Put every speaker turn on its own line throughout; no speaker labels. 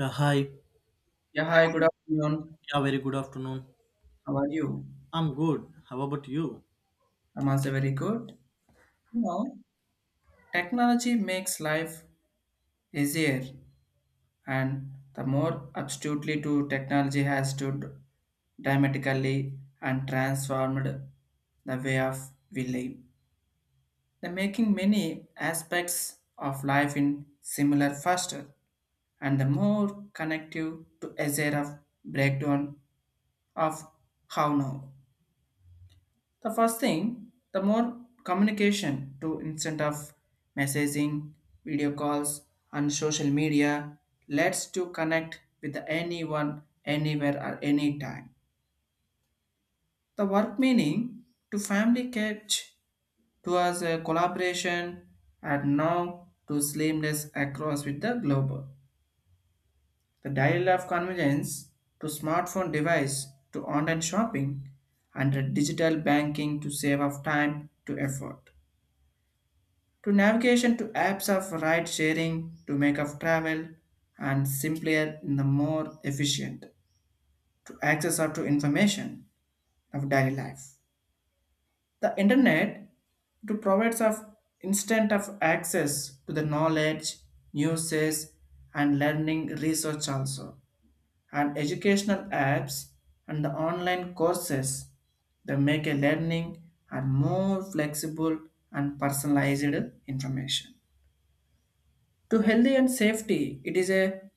Yeah, hi.
Yeah, hi, good afternoon.
Yeah, very good afternoon.
How are you?
I'm good. How about you?
I'm also very good. You know, technology makes life easier, and the more absolutely to technology has stood dramatically and transformed the way of we live. The making many aspects of life in similar faster and the more connective to azure of breakdown of how now. The first thing, the more communication to instant of messaging, video calls, and social media lets to connect with anyone, anywhere, or anytime. The work meaning to family catch to us a collaboration and now to seamless across with the global. The dial of convenience to smartphone device to online shopping and digital banking to save of time to effort. To navigation to apps of ride sharing to make of travel and simpler and the more efficient to access or to information of daily life, the internet to provides of instant of access to the knowledge, newses and learning research also, and educational apps and the online courses that make a learning and more flexible and personalized information. To healthy and safety, it is a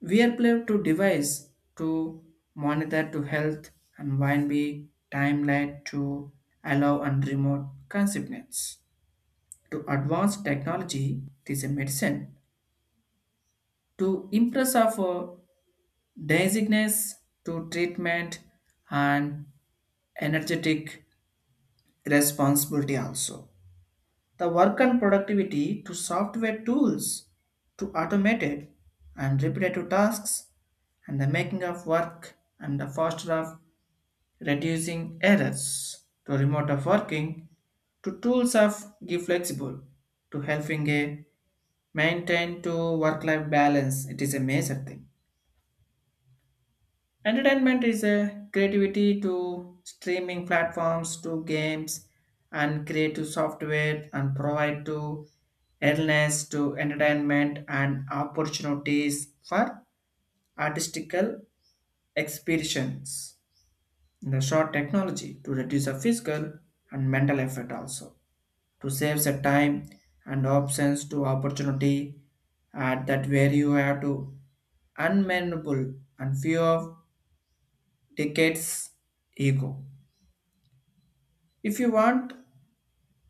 wearable to device to monitor to health and wind be timeline to allow and remote consequence. To advanced technology, it is a medicine to impress of dizziness to treatment and energetic responsibility also, the work and productivity to software tools to automated and repetitive tasks and the making of work and the foster of reducing errors to remote of working to tools of give flexible to helping a maintain to work life balance, it is a major thing. Entertainment is a creativity to streaming platforms to games and creative software and provide to illness to entertainment and opportunities for artistical expressions. In the short technology to reduce the physical and mental effort also, to save the time and options to opportunity at that where you have to unmanageable and few of decades ego. If you want,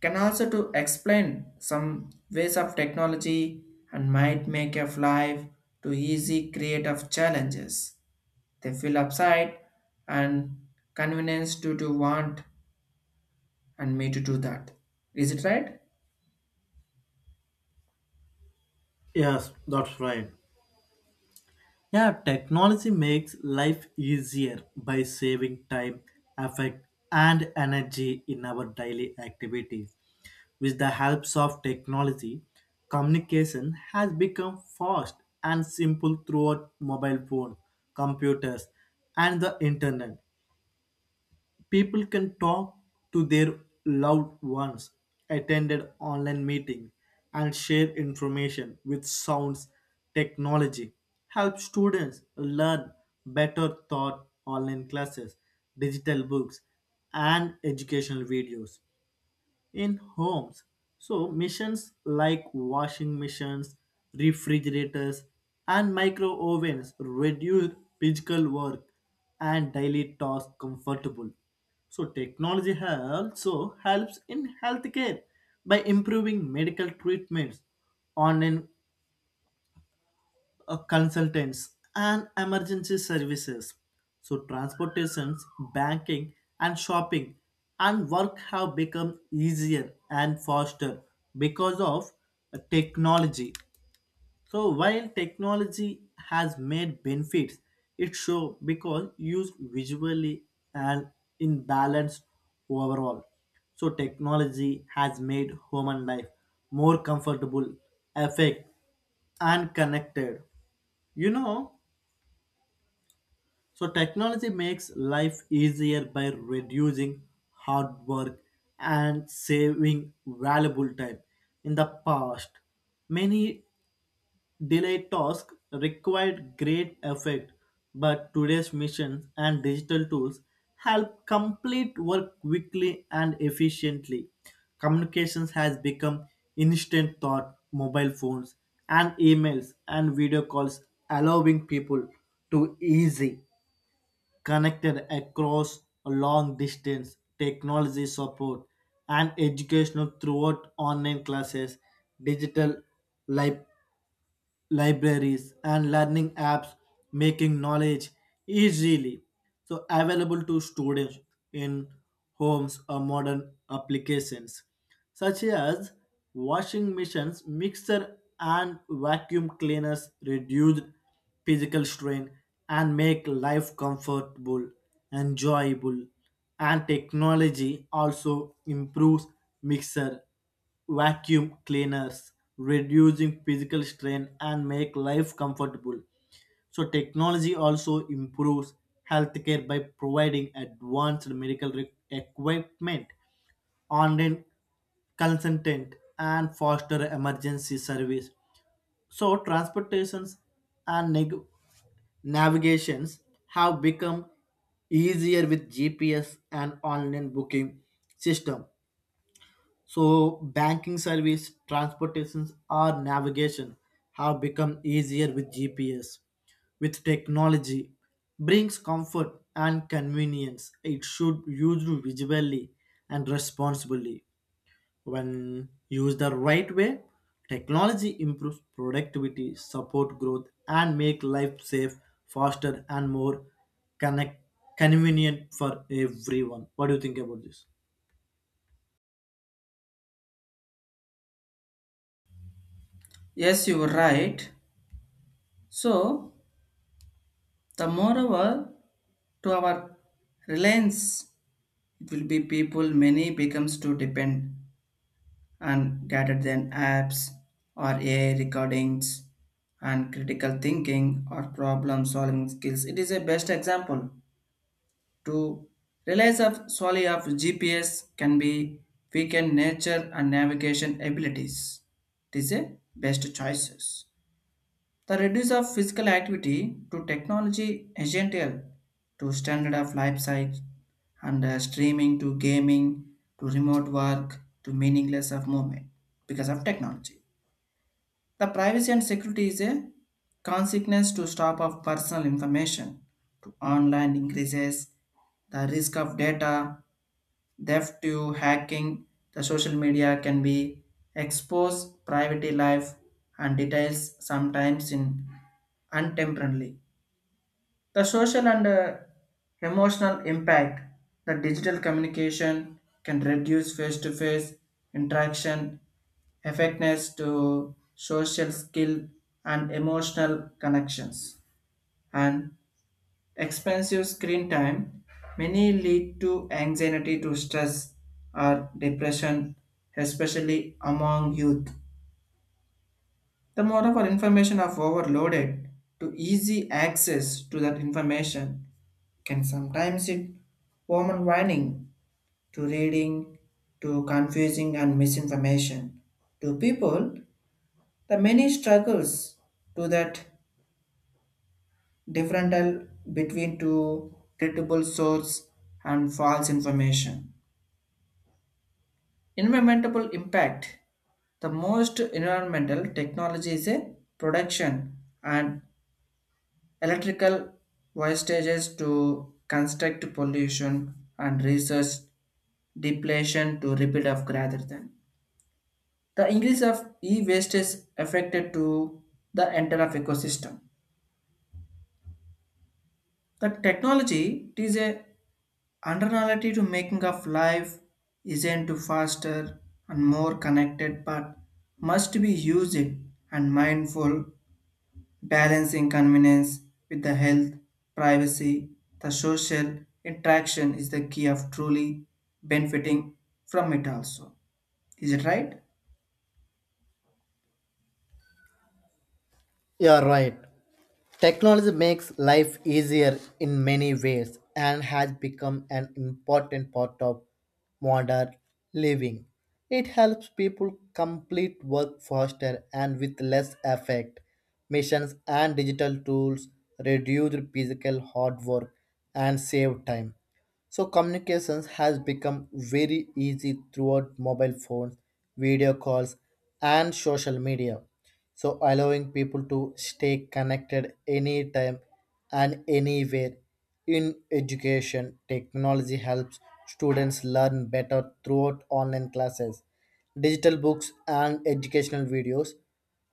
can also to explain some ways of technology and might make of life to easy creative challenges. They feel upside and convenience to want and me to do that. Is it right?
Yes, that's right. Yeah, technology makes life easier by saving time, effort, and energy in our daily activities. With the help of technology, communication has become fast and simple throughout mobile phone, computers, and the internet. People can talk to their loved ones, attend online meeting, and share information with sounds technology. Helps students learn better thought online classes, digital books, and educational videos in homes. So, machines like washing machines, refrigerators, and micro ovens reduce physical work and daily tasks comfortable. So, technology also helps in healthcare by improving medical treatments, online consultants, and emergency services. So, transportations, banking, and shopping and work have become easier and faster because of technology. So while technology has made benefits, it show because used visually and in balance overall. So technology has made human life more comfortable, effective, and connected. You know, so technology makes life easier by reducing hard work and saving valuable time. In the past, many delayed tasks required great effort, but today's missions and digital tools help complete work quickly and efficiently. Communications has become instant thought, mobile phones and emails and video calls, allowing people to easy connected across a long distance technology support and educational throughout online classes, digital life libraries and learning apps, making knowledge easily so available to students in homes or modern applications such as washing machines, mixer and vacuum cleaners reduce physical strain and make life comfortable, enjoyable, and technology also improves mixer, vacuum cleaners, reducing physical strain and make life comfortable. So technology also improves healthcare by providing advanced medical equipment, online consultant, and faster emergency service. So transportations and navigations have become easier with GPS and online booking system. So, banking service, transportations, or navigation have become easier with GPS. With technology, brings comfort and convenience. It should used visually and responsibly. When used the right way, technology improves productivity, support growth, and make life safe, faster, and more connect convenient for everyone. What do you think about this?
Yes, you were right. So the moreover to our reliance, it will be people many becomes to depend and rather than apps or AI recordings and critical thinking or problem solving skills. It is a best example to realize of solely of GPS can be weaken nature and navigation abilities. It is a best choices. The reduce of physical activity to technology essential to standard of life cycle and streaming to gaming to remote work to meaningless of movement because of technology. The privacy and security is a consequence to stop of personal information to online increases the risk of data theft to hacking, the social media can be expose private life and details sometimes in untemporarily, the social and emotional impact, the digital communication can reduce face-to-face interaction effectiveness to social skill and emotional connections, and expensive screen time many lead to anxiety to stress or depression, especially among youth. The moreover information of overloaded to easy access to that information can sometimes it overwhelming to reading to confusing and misinformation. To people, the many struggles to that differential between two credible source and false information. Environmental impact. The most environmental technology is a production and electrical wastages to construct pollution and research depletion to repeat of rather than. The increase of e-waste is affected to the entire of ecosystem. The technology it is a undernality to making of life isn't to faster and more connected, but must be used and mindful, balancing convenience with the health, privacy, the social interaction is the key of truly benefiting from it also. Is it right?
Yeah, right. Technology makes life easier in many ways and has become an important part of modern living. It helps people complete work faster and with less effort. Machines and digital tools reduce physical hard work and save time. So communications has become very easy throughout mobile phones, video calls, and social media. So allowing people to stay connected anytime and anywhere. In education, technology helps students learn better throughout online classes, digital books, and educational videos.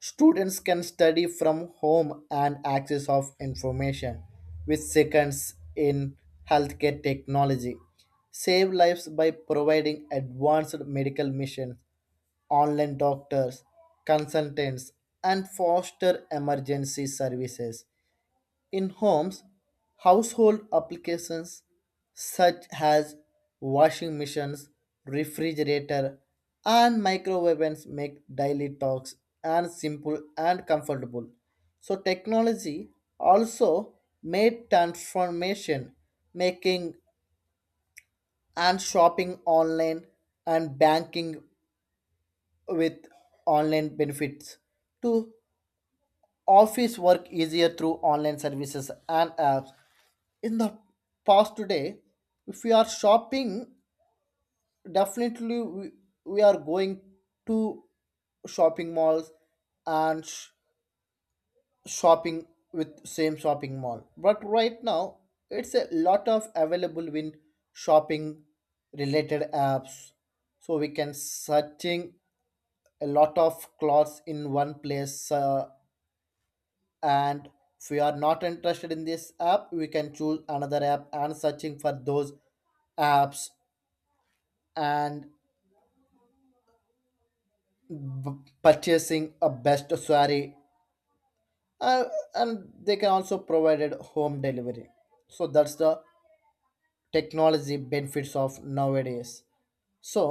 Students can study from home and access of information with seconds in healthcare technology. Save lives by providing advanced medical missions, online doctors, consultants, and foster emergency services. In homes, household applications such as washing machines, refrigerator, and microwaves make daily talks and simple and comfortable. So technology also made transformation, making and shopping online and banking with online benefits to office work easier through online services and apps in the past today if we are shopping definitely we are going to shopping malls and shopping with same shopping mall, but right now it's a lot of available in shopping related apps, so we can searching a lot of clothes in one place, and if we are not interested in this app we can choose another app and searching for those apps and purchasing a best sari, uh, and they can also provided home delivery, so that's the technology benefits of nowadays. So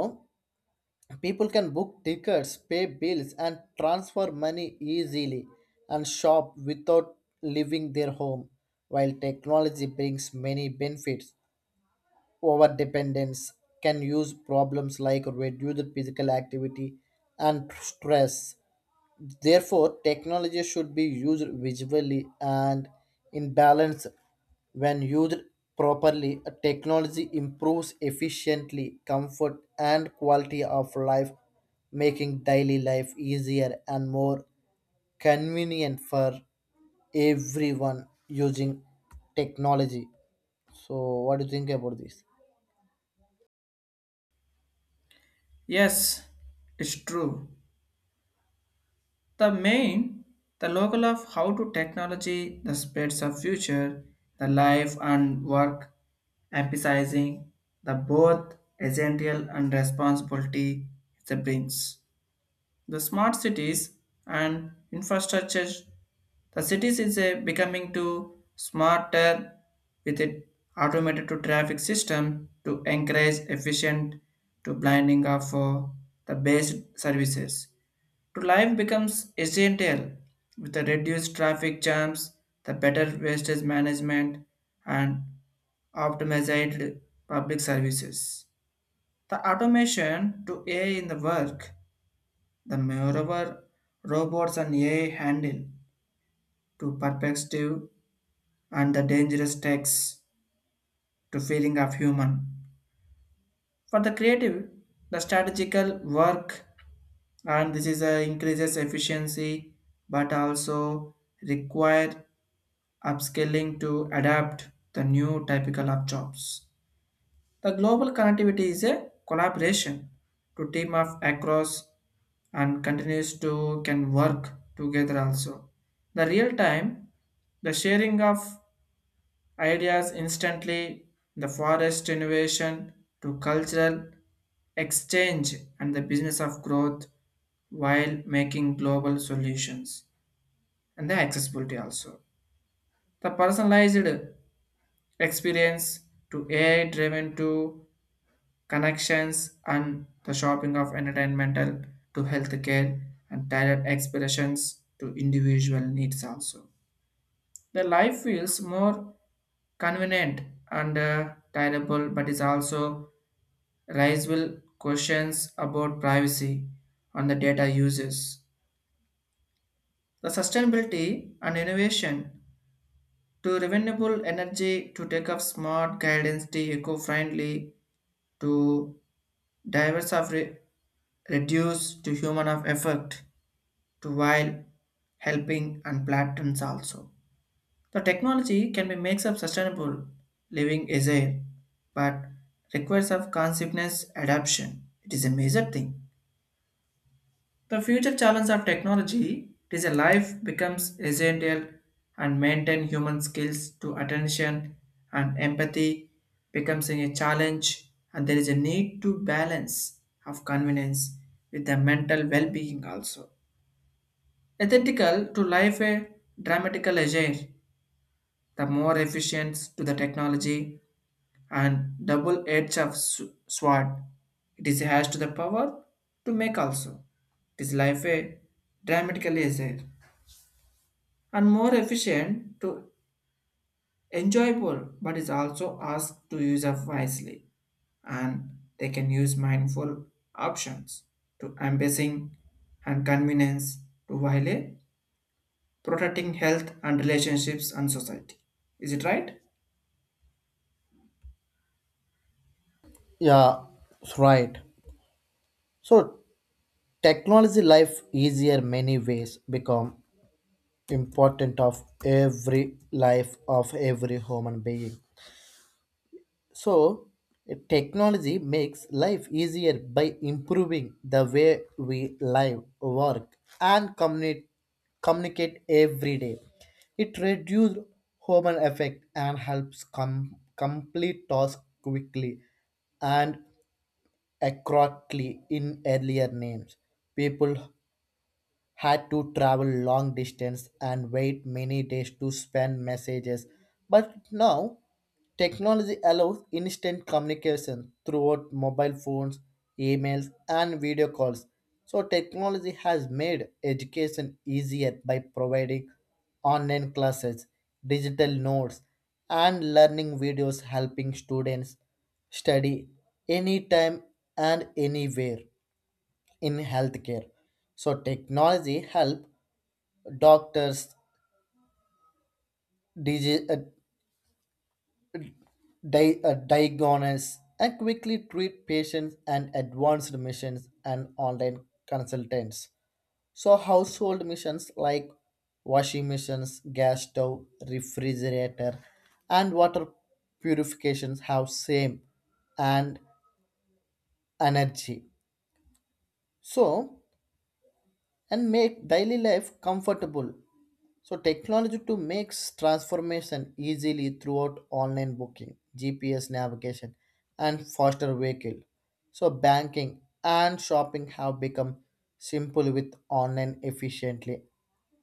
people can book tickets, pay bills and transfer money easily and shop without leaving their home. While technology brings many benefits, over dependence can use problems like reduced physical activity and stress. Therefore, technology should be used visually and in balance. When used properly, technology improves efficiently comfort and quality of life, making daily life easier and more convenient for everyone using technology. So, what do you think about this?
Yes, it's true. The main, the local of how to technology, the spreads of future, the life and work, emphasizing the both essential and responsibility it brings. The smart cities and infrastructure, the cities is a becoming to smarter with it automated to traffic system to encourage efficient to blinding of the best services to life becomes essential with the reduced traffic jams, the better wastage management, and optimized public services. The automation to AI in the work, the moreover robots and AI handle to perspective and the dangerous tasks to feeling of human. For the creative, the strategical work and this is a increases efficiency but also require upscaling to adapt the new typical of jobs. The global connectivity is a collaboration to team up across and continues to can work together also. The real time, the sharing of ideas instantly, the forest innovation to cultural exchange and the business of growth while making global solutions and the accessibility also. The personalized experience to AI driven to connections and the shopping of entertainmental to healthcare and tailored expressions to individual needs also. The life feels more convenient and tireable, but is also raisable questions about privacy on the data uses. The sustainability and innovation to renewable energy to take up smart guidance to eco-friendly to divers of reduced to human of effect to while helping and platforms also. The technology can be makes of sustainable living is a but requires of consciousness adaptation. It is a major thing. The future challenge of technology is a life becomes essential and maintain human skills to attention and empathy becomes a challenge, and there is a need to balance of convenience with the mental well-being also. Ethical to life a dramatical agile, the more efficient to the technology and double edge of sword. It is has to the power to make also. It is life a dramatically easier and more efficient to enjoyable, but is also asked to use of wisely, and they can use mindful options to embracing and convenience to while a protecting health and relationships and society. Is it right?
Yeah, right. So technology life easier many ways become important of every life of every human being. So, technology makes life easier by improving the way we live, work, and communicate, communicate every day. It reduces human effect and helps complete tasks quickly and accurately in earlier names. People had to travel long distance and wait many days to send messages. But now, technology allows instant communication throughout mobile phones, emails, and video calls. So, technology has made education easier by providing online classes, digital notes, and learning videos helping students study anytime and anywhere in healthcare. So technology help doctors digi- uh, diagnose and quickly treat patients and advanced missions and online consultants. So household missions like washing machines, gas stove, refrigerator, and water purifications have same and energy. So and make daily life comfortable. So technology to makes transformation easily throughout online booking, GPS navigation, and faster vehicle. So banking and shopping have become simple with online efficiently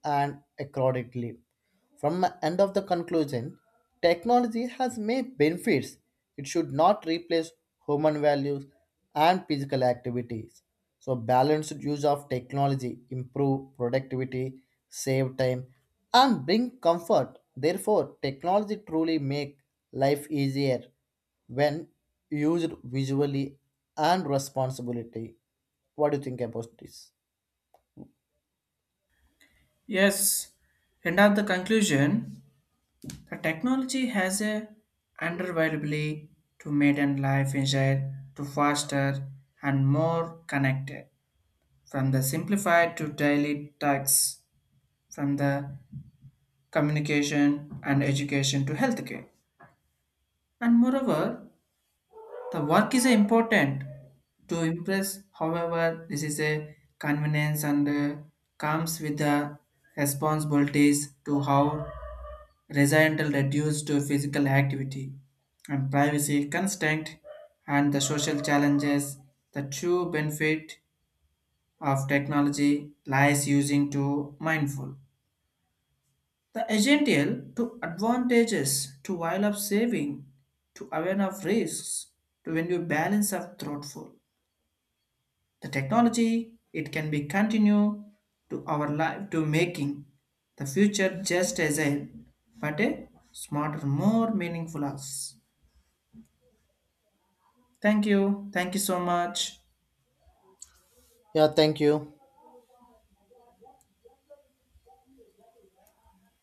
and accordingly. From my end of the conclusion, technology has many benefits. It should not replace human values and physical activities. So balanced use of technology improve productivity, save time, and bring comfort. Therefore, technology truly make life easier when used visually and responsibility. What do you think about this?
Yes. End of the conclusion. The technology has a undervaluably to make life agile to faster and more connected. From the simplified to daily tasks, from the communication and education to healthcare. And moreover, the work is important to impress. However, this is a convenience and comes with the responsibilities to how resigned reduced to physical activity and privacy constraint and the social challenges, the true benefit of technology lies using to mindful. The essential to advantages to while of saving, to aware of risks, to when you balance of thoughtful. The technology it can be continue to our life to making the future just as a but a smarter, more meaningful us. Thank you. Thank you so much.
Yeah, thank you.